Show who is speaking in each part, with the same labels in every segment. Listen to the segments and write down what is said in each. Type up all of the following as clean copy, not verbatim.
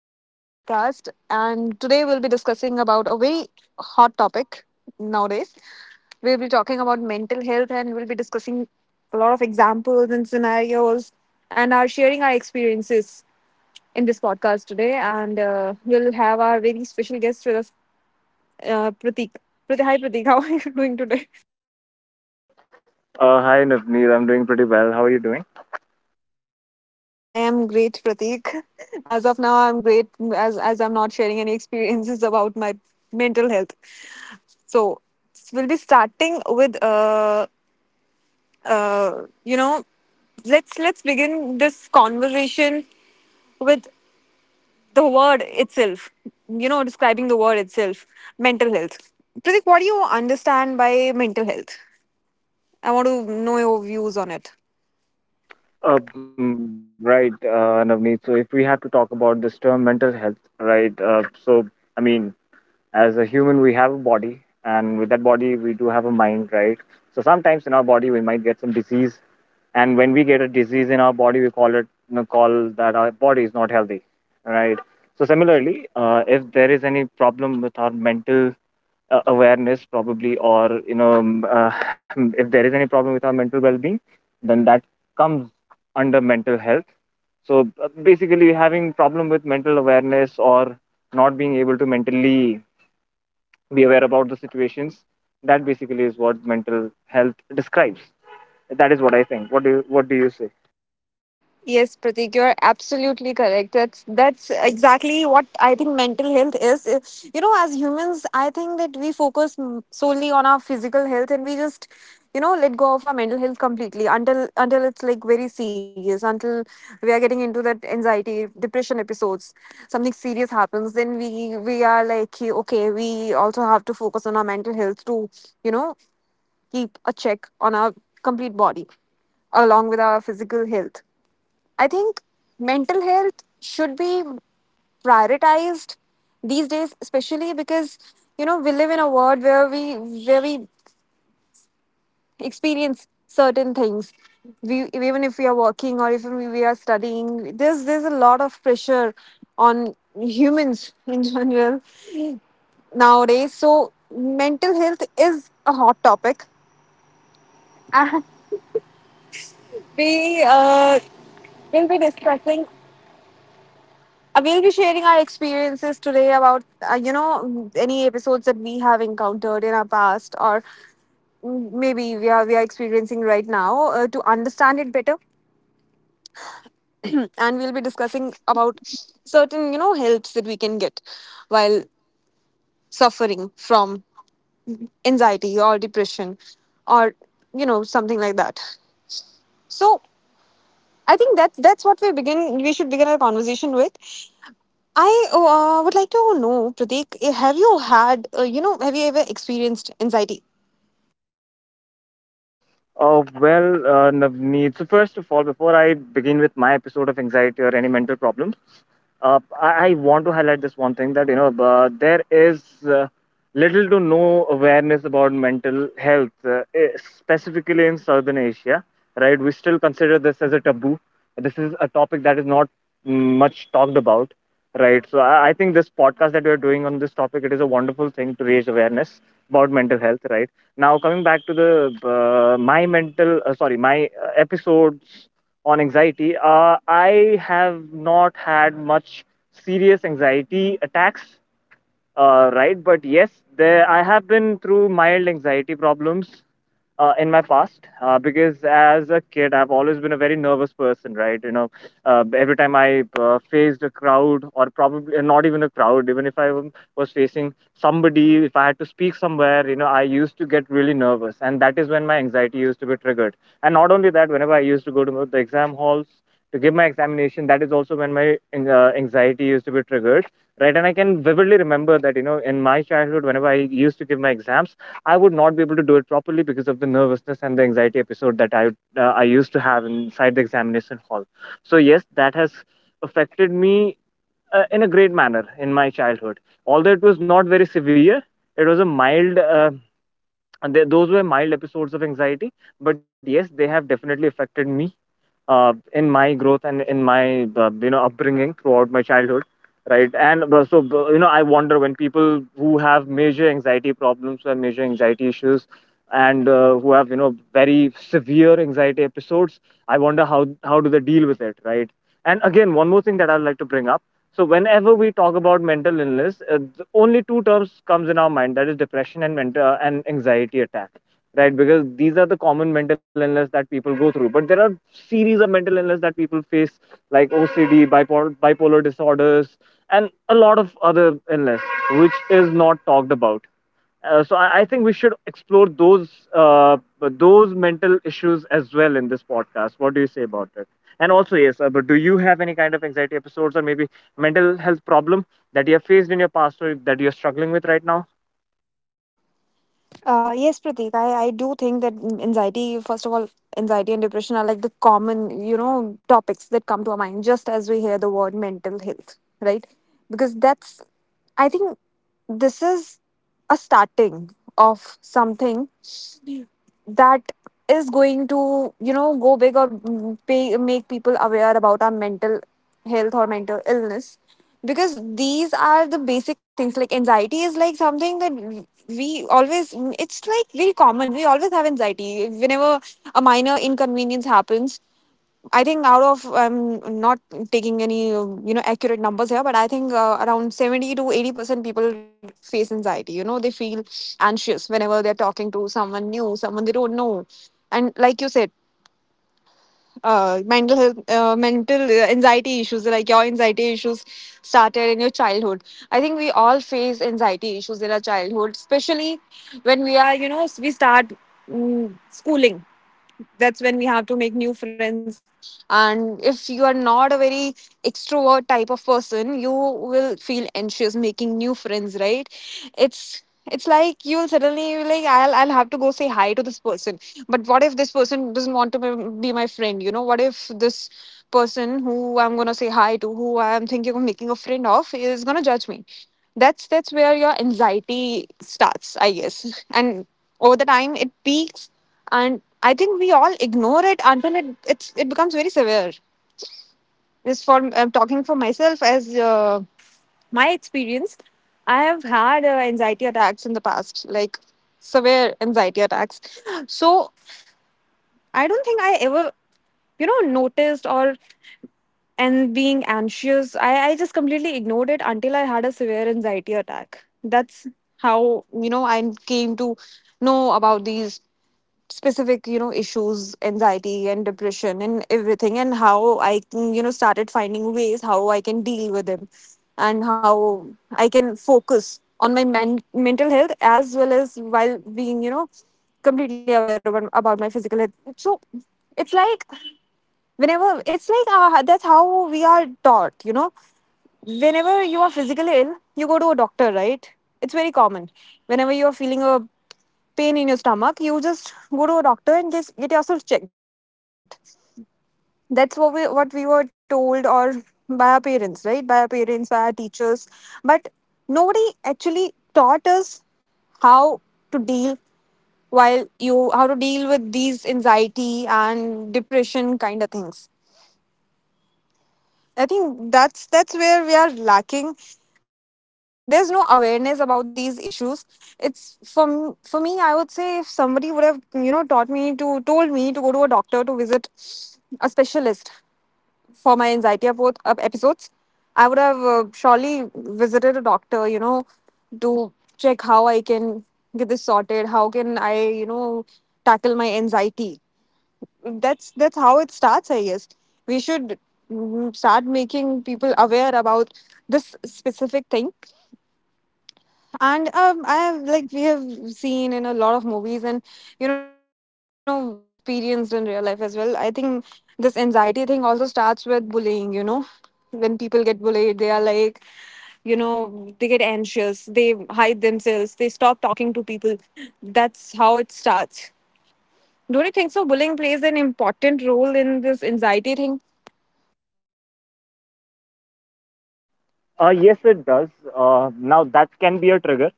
Speaker 1: another podcast. And today we'll be discussing about a very hot topic nowadays. We'll be talking about mental health and we'll be discussing a lot of examples and scenarios and are sharing our experiences in this podcast today. And we'll have our very special guest with us, Pratik. Pratik. Hi Pratik, how are you doing today?
Speaker 2: Hi, Navneet. I'm doing pretty well. How are you doing?
Speaker 1: I am great, Pratik. As of now, I'm great as I'm not sharing any experiences about my mental health. So we'll be starting with uh, you know let's begin this conversation with the word itself. You know, describing the word itself, mental health. Pratik, what do you understand by mental health? I want to know your views on it.
Speaker 2: Right, Navneet. So, if we have to talk about this term mental health, right? So, I mean, as a human, we have a body, and with that body, we do have a mind, right? So, sometimes in our body, we might get some disease, and when we get a disease in our body, we call it you know, call that our body is not healthy, right? So, similarly, if there is any problem with our mental awareness probably or you know if there is any problem with our mental well-being, then that comes under mental health. So basically, having problem with mental awareness or not being able to mentally be aware about the situations, that basically is what mental health describes. That is what I think. What do you say?
Speaker 1: Yes, Pratik, you're absolutely correct. That's exactly what I think mental health is. You know, as humans, I think that we focus solely on our physical health, and we just, you know, let go of our mental health completely until it's like very serious, until we are getting into that anxiety, depression episodes. Something serious happens, then we are like, "Hey, okay, we also have to focus on our mental health to, you know, keep a check on our complete body along with our physical health." I think mental health should be prioritized these days, especially because you know we live in a world where we experience certain things. We, even if we are working or even we are studying, there's a lot of pressure on humans in general nowadays. So mental health is a hot topic. We uh, will be discussing we'll be sharing our experiences today about, any episodes that we have encountered in our past, or maybe we are experiencing right now, to understand it better. And we'll be discussing about certain, you know, helps that we can get while suffering from anxiety or depression, or, you know, something like that. So I think that that's what we begin. We should begin our conversation with. I would like to know, Pratik, have you had, have you ever experienced anxiety?
Speaker 2: Oh, well, Navneet. So, first of all, before I begin with my episode of anxiety or any mental problems, I want to highlight this one thing, that there is uh, little to no awareness about mental health, specifically in Southern Asia. Right, we still consider this as a taboo. This is a topic that is not mm, much talked about. Right, so I think this podcast that we are doing on this topic, it is a wonderful thing to raise awareness about mental health. Right, now, coming back to the my mental, sorry, my episodes on anxiety. I have not had much serious anxiety attacks, right? But yes, there, I have been through mild anxiety problems in my past, because as a kid, I've always been a very nervous person, right? Every time I faced a crowd, or probably not even a crowd, even if was facing somebody, if I had to speak somewhere, I used to get really nervous, and that is when my anxiety used to be triggered. And not only that, whenever I used to go to the exam halls to give my examination, that is also when my anxiety used to be triggered, right? And I can vividly remember that, in my childhood, whenever I used to give my exams, I would not be able to do it properly because of the nervousness and the anxiety episode that I used to have inside the examination hall. So yes, that has affected me in a great manner in my childhood. Although it was not very severe, it was a mild. And those were mild episodes of anxiety, but yes, they have definitely affected me in my growth and in my upbringing throughout my childhood. Right, and I wonder, when people who have major anxiety problems, who have major anxiety issues, and who have, very severe anxiety episodes, I wonder how do they deal with it, right? And again, one more thing that I'd like to bring up. So whenever we talk about mental illness, the only two terms comes in our mind, that is depression and anxiety attack, right? Because these are the common mental illness that people go through. But there are series of mental illness that people face, like OCD, bipolar disorders, and a lot of other illness, which is not talked about. So I think we should explore those mental issues as well in this podcast. What do you say about it? And also, yes, but do you have any kind of anxiety episodes, or maybe mental health problem that you have faced in your past, or that you are struggling with right now?
Speaker 1: Yes, Pratik, I do think that anxiety, first of all, anxiety and depression are like the common, you know, topics that come to our mind just as we hear the word mental health, right? Because that's, I think this is a starting of something that is going to, you know, go big or make people aware about our mental health or mental illness, because these are the basic things. Like anxiety is like something that we always, it's like very common, we always have anxiety whenever a minor inconvenience happens. I think, out of, I'm not taking any accurate numbers here, but I think around 70 to 80% people face anxiety. You know, they feel anxious whenever they're talking to someone new, someone they don't know, and like you said, mental health, mental anxiety issues like your anxiety issues started in your childhood. I think we all face anxiety issues in our childhood, especially when we are, you know, we start schooling. That's when we have to make new friends, and if you are not a very extrovert type of person, you will feel anxious making new friends, right? It's like you'll suddenly be like, I'll have to go say hi to this person. But what if this person doesn't want to be my friend? You know, what if this person who I'm gonna say hi to, who I'm thinking of making a friend of, is gonna judge me?" That's where your anxiety starts, I guess. And over the time, it peaks, and I think we all ignore it until it becomes very severe. Just for, I'm talking for myself, as my experience, I have had anxiety attacks in the past, like severe anxiety attacks. So I don't think I ever, you know, noticed or, and being anxious, I just completely ignored it until I had a severe anxiety attack. That's how, you know, I came to know about these specific, you know, issues, anxiety and depression and everything, and how I can, you know, started finding ways how I can deal with them and how I can focus on my mental health as well, as while being, you know, completely aware about my physical health. So it's like, whenever it's like, that's how we are taught, you know, whenever you are physically ill, you go to a doctor, right? It's very common. Whenever you are feeling a pain in your stomach, you just go to a doctor and just get yourself checked. That's what we were told, or by our parents, right? By our parents, by our teachers. But nobody actually taught us how to deal, while you how to deal with these anxiety and depression kind of things. I think that's where we are lacking. There's no awareness about these issues. It's, from for me, I would say if somebody would have, you know, taught me to told me to go to a doctor, to visit a specialist for my anxiety episodes, I would have surely visited a doctor. You know, to check how I can get this sorted. How can I, you know, tackle my anxiety? That's how it starts, I guess. We should start making people aware about this specific thing. And I have, like we have seen in a lot of movies and, you know, experienced in real life as well. I think this anxiety thing also starts with bullying, you know, when people get bullied, they are like, you know, they get anxious, they hide themselves, they stop talking to people. That's how it starts. Don't you think so? Bullying plays an important role in this anxiety thing.
Speaker 2: Yes, it does. Now, that can be a trigger,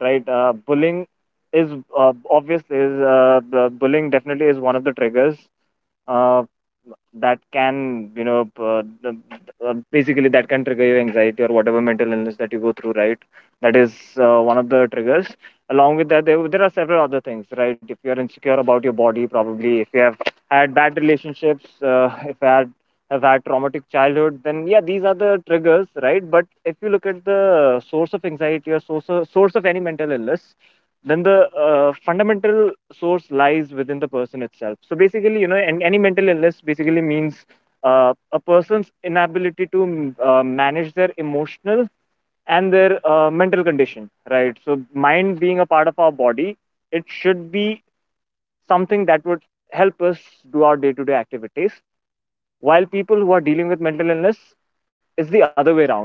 Speaker 2: right? Bullying is, obvious. Is the bullying definitely is one of the triggers, uh, that can, basically that can trigger your anxiety or whatever mental illness that you go through, right? That is one of the triggers. Along with that, there are several other things, right? If you are insecure about your body, probably if you have had bad relationships, if you have had traumatic childhood, then yeah, these are the triggers, right? But if you look at the source of anxiety, or source of any mental illness, then the fundamental source lies within the person itself. So basically, any mental illness basically means a person's inability to manage their emotional and their mental condition, right? So mind being a part of our body, it should be something that would help us do our day-to-day activities, while people who are dealing with mental illness is the other way around,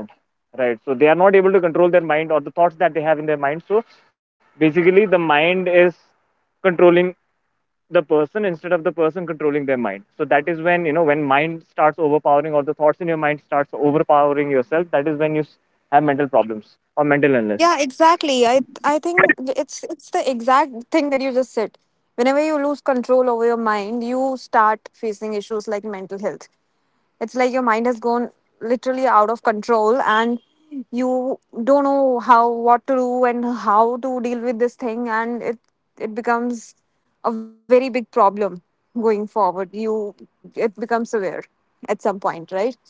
Speaker 2: right? So they are not able to control their mind or the thoughts that they have in their mind. So basically, the mind is controlling the person instead of the person controlling their mind. So that is when, when mind starts overpowering, or the thoughts in your mind starts overpowering yourself, that is when you have mental problems or mental illness.
Speaker 1: Yeah, exactly. I think it's the exact thing that you just said. Whenever you lose control over your mind, you start facing issues like mental health. It's like your mind has gone literally out of control, and you don't know how, what to do and how to deal with this thing, and it becomes a very big problem going forward. You, it becomes severe at some point, right?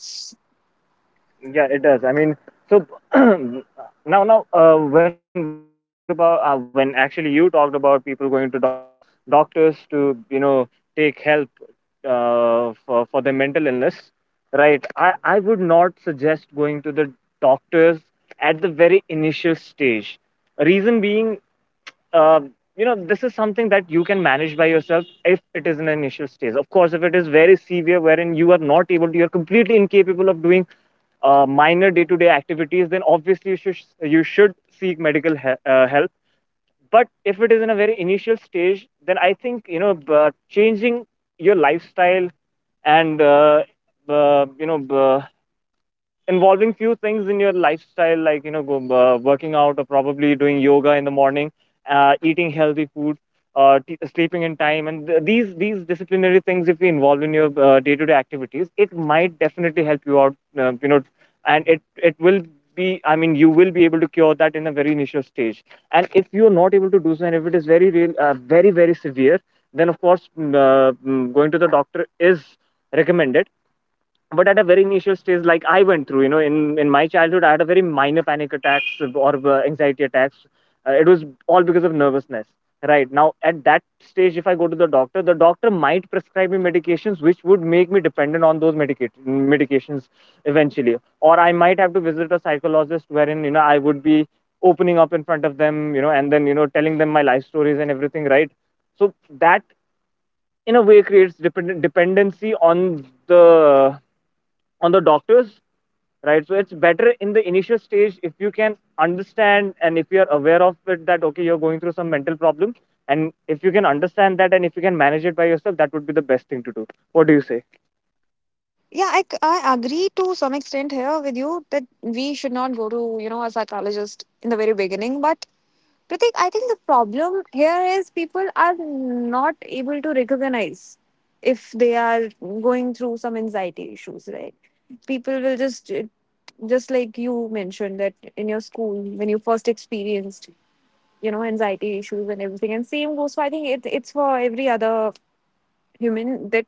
Speaker 2: Yeah, it does. I mean, so now, when we talked about, when actually you talked about people going to doctors to, take help for their mental illness, right? I would not suggest going to the doctors at the very initial stage. Reason being, uh, this is something that you can manage by yourself if it is an initial stage. Of course, if it is very severe, wherein you are not able to, you're completely incapable of doing minor day-to-day activities, then obviously you should seek medical help. But if it is in a very initial stage, then I think, changing your lifestyle, and uh, you know uh, involving few things in your lifestyle, like working out, or probably doing yoga in the morning, eating healthy food, sleeping in time, and these disciplinary things, if we involve in your day-to-day activities, it might definitely help you out. And it will be, I mean, you will be able to cure that in a very initial stage. And if you're not able to do so, and if it is very very severe, then of course, going to the doctor is recommended. But at a very initial stage, like I went through, in my childhood, I had a very minor panic attacks or anxiety attacks. It was all because of nervousness, right? Now, at that stage, if I go to the doctor, the doctor might prescribe me medications, which would make me dependent on those medications eventually. Or I might have to visit a psychologist, wherein, I would be opening up in front of them, and then, telling them my life stories and everything, right? So that in a way creates dependency on the the doctors, right? So it's better in the initial stage, if you can understand, and if you're aware of it, that, okay, you're going through some mental problem. And if you can understand that, and if you can manage it by yourself, that would be the best thing to do. What do you say?
Speaker 1: Yeah, I agree to some extent here with you that we should not go to, you know, a psychologist in the very beginning. But Pratik, I think the problem here is people are not able to recognize if they are going through some anxiety issues, right? People will just like you mentioned that in your school, when you first experienced, you know, anxiety issues and everything. And same goes for, I think it's for every other human, that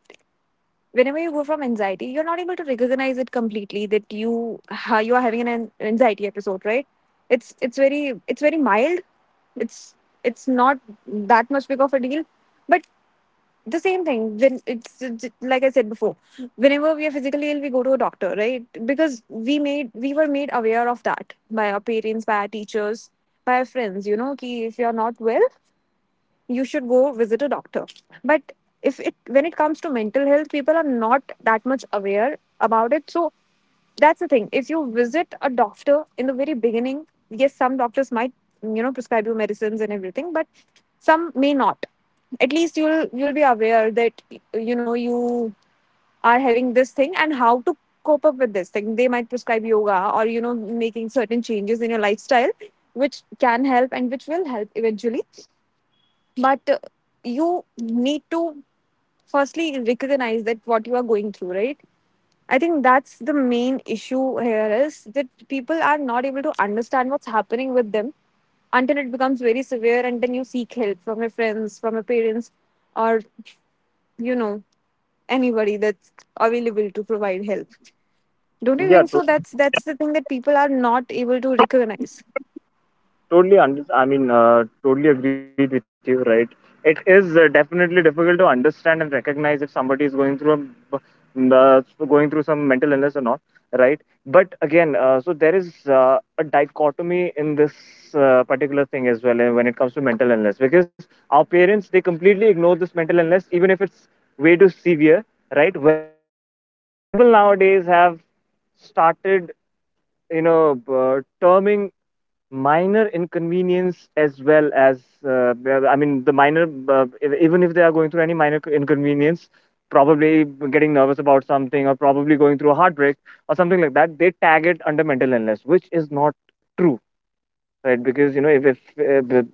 Speaker 1: whenever you go from anxiety, you're not able to recognize it completely, that you you are having an anxiety episode, right? It's very, it's very mild, it's it's not that much big of a deal. But the same thing, when like I said before, whenever we are physically ill, we go to a doctor, right? Because we were made aware of that by our parents, by our teachers, by our friends, you know, ki if you're not well, you should go visit a doctor. But if it, when it comes to mental health, people are not that much aware about it. So that's the thing, if you visit a doctor in the very beginning, yes, some doctors might, you know, prescribe you medicines and everything, but some may not. At least you'll, be aware that, you know, you are having this thing and how to cope up with this thing. They might prescribe yoga or, you know, making certain changes in your lifestyle which can help and which will help eventually. But you need to firstly recognize that what you are going through, right? I think that's the main issue here, is that people are not able to understand what's happening with them until it becomes very severe, and then you seek help from your friends, from your parents, or, you know, anybody that's available to provide help. Don't you
Speaker 2: Yeah,
Speaker 1: think so? That's the thing, that people are not able to recognize.
Speaker 2: I mean, totally agreed with you, right? It is definitely difficult to understand and recognize if somebody is going through m- uh, going through some mental illness or not, right? But again, so there is a dichotomy in this particular thing as well, when it comes to mental illness, because our parents, they completely ignore this mental illness even if it's way too severe, right? Whereas people nowadays have started, terming minor inconvenience as well as, well, I mean, even if they are going through any inconvenience, probably getting nervous about something, or probably going through a heartbreak or something like that, they tag it under mental illness, which is not true, right? Because, you know if the-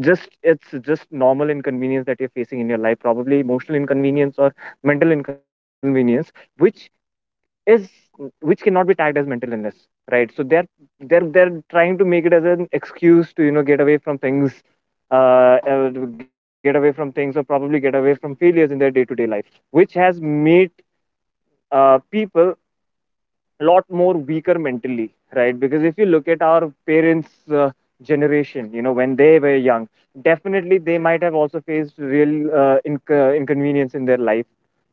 Speaker 2: just it's just normal inconvenience that you're facing in your life, probably emotional inconvenience or mental inconvenience, which is which cannot be tagged as mental illness, right? So they're trying to make it as an excuse to, get away from things, uh, uh get away from things, or probably get away from failures in their day-to-day life, which has made people a lot more weaker mentally, right? Because if you look at our parents uh, generation, when they were young, definitely they might have also faced real inconvenience in their life,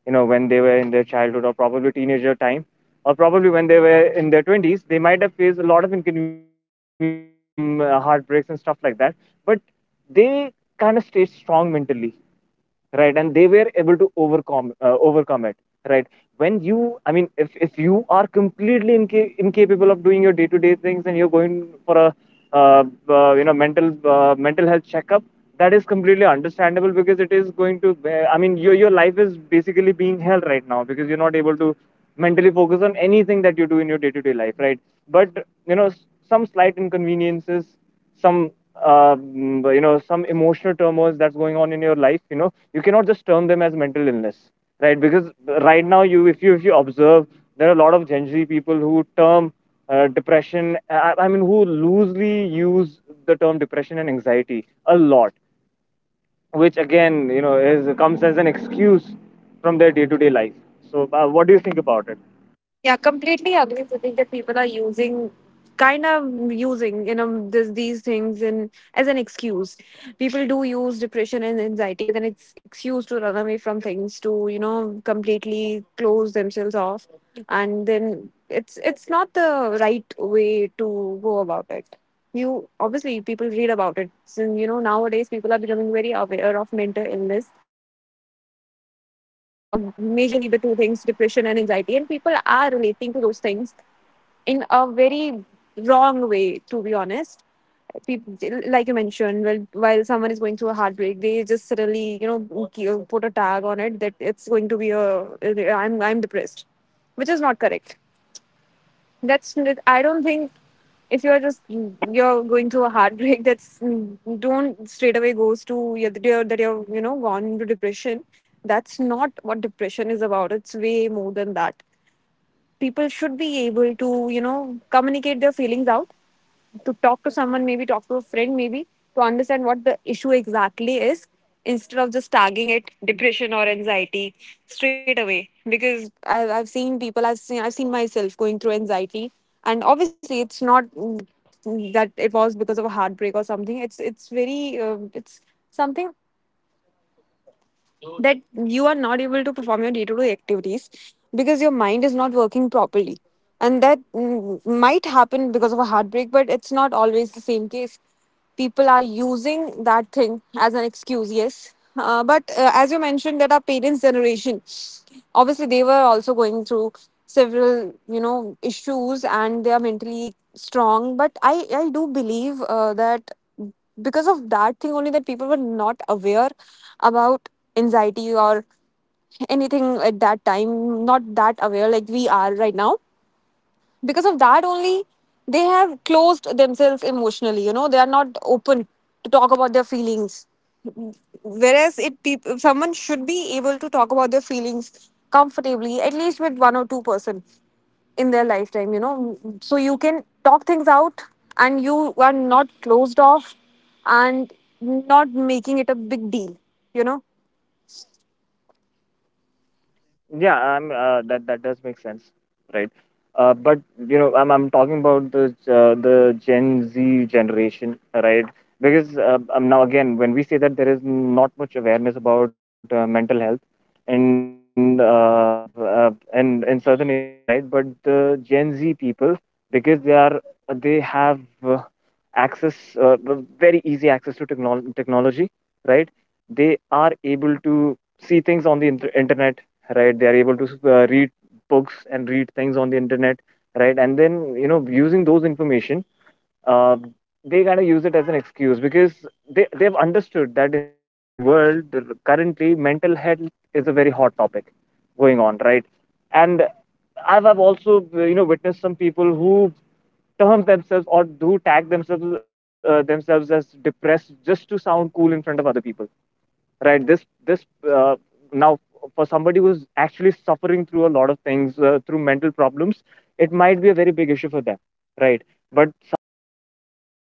Speaker 2: when they were in their childhood, or probably teenager time, or probably when they were in their 20s, they might have faced a lot of inconvenience, career problem, heartbreaks and stuff like that. But they kind of stayed strong mentally, right? And they were able to overcome it, right? when you I mean, if you are completely incapable of doing your day to day things, and you're going for a, uh, mental health checkup, that is completely understandable, because it is going to, I mean, your life is basically being held right now, because you're not able to mentally focus on anything that you do in your day to day life, right? But some slight inconveniences, some you know some emotional turmoils that's going on in your life, you cannot just term them as mental illness, right? Because right now, you if you if you observe, there are a lot of Gen Z people who term, depression. I mean, who loosely use the term depression and anxiety a lot, which again, is comes as an excuse from their day-to-day life. So, what do you think about it?
Speaker 1: Yeah, completely agree. I think that people are using, kind of using, you know, these things in as an excuse. People do use depression and anxiety as an excuse to run away from things, to, you know, completely close themselves off, and then it's not the right way to go about it. You, obviously, people read about it, so you know nowadays people are becoming very aware of mental illness, about majorly the two things, depression and anxiety. And people are relating to those things in a very wrong way, to be honest. People, like you mentioned, well, while someone is going through a heartbreak, they just suddenly, you know, ki- put a tag on it that it's going to be a, I'm depressed, which is not correct. I don't think, if you're just, you're going through a heartbreak that's, don't straight away goes to your, that you're, you know, gone into depression. That's not what depression is about. It's way more than that. People should be able to, you know, communicate their feelings out, to talk to someone, maybe talk to a friend, maybe, to understand what the issue exactly is, instead of just tagging it depression or anxiety straight away. Because I've seen people, I've seen myself going through anxiety, and obviously it's not that it was because of a heartbreak or something. It's very, it's something that you are not able to perform your day-to-day activities because your mind is not working properly, and that might happen because of a heartbreak, but it's not always the same case. People are using that thing as an excuse, yes, but as you mentioned, that our parents' generation, obviously they were also going through several, you know, issues, and they are mentally strong. But I do believe that because of that thing only, that people were not aware about anxiety or anything at that time, not that aware like we are right now. Because of that only, they have closed themselves emotionally, you know, they are not open to talk about their feelings. Whereas it, people, someone should be able to talk about their feelings comfortably, at least with one or two person in their lifetime, you know, so you can talk things out and you are not closed off and not making it a big deal, you know.
Speaker 2: Yeah, I'm that that does make sense, right? But you know, I'm talking about the Gen Z generation, right? Because, now again, when we say that there is not much awareness about mental health in, in Southern Asia, right? But the Gen Z people, because they have, uh, access, uh, uh, very easy access to technology, right? They are able to see things on the internet, right? They are able to read books and read things on the internet, right? And then, using those information, uh, they kind of use it as an excuse, because they've understood that in the world, currently, mental health is a very hot topic going on, right? And I've also, witnessed some people who term themselves or do tag themselves as depressed, just to sound cool in front of other people, right? this uh, Now, for somebody who's actually suffering through a lot of things, through mental problems, it might be a very big issue for them, right? But somebody who is just going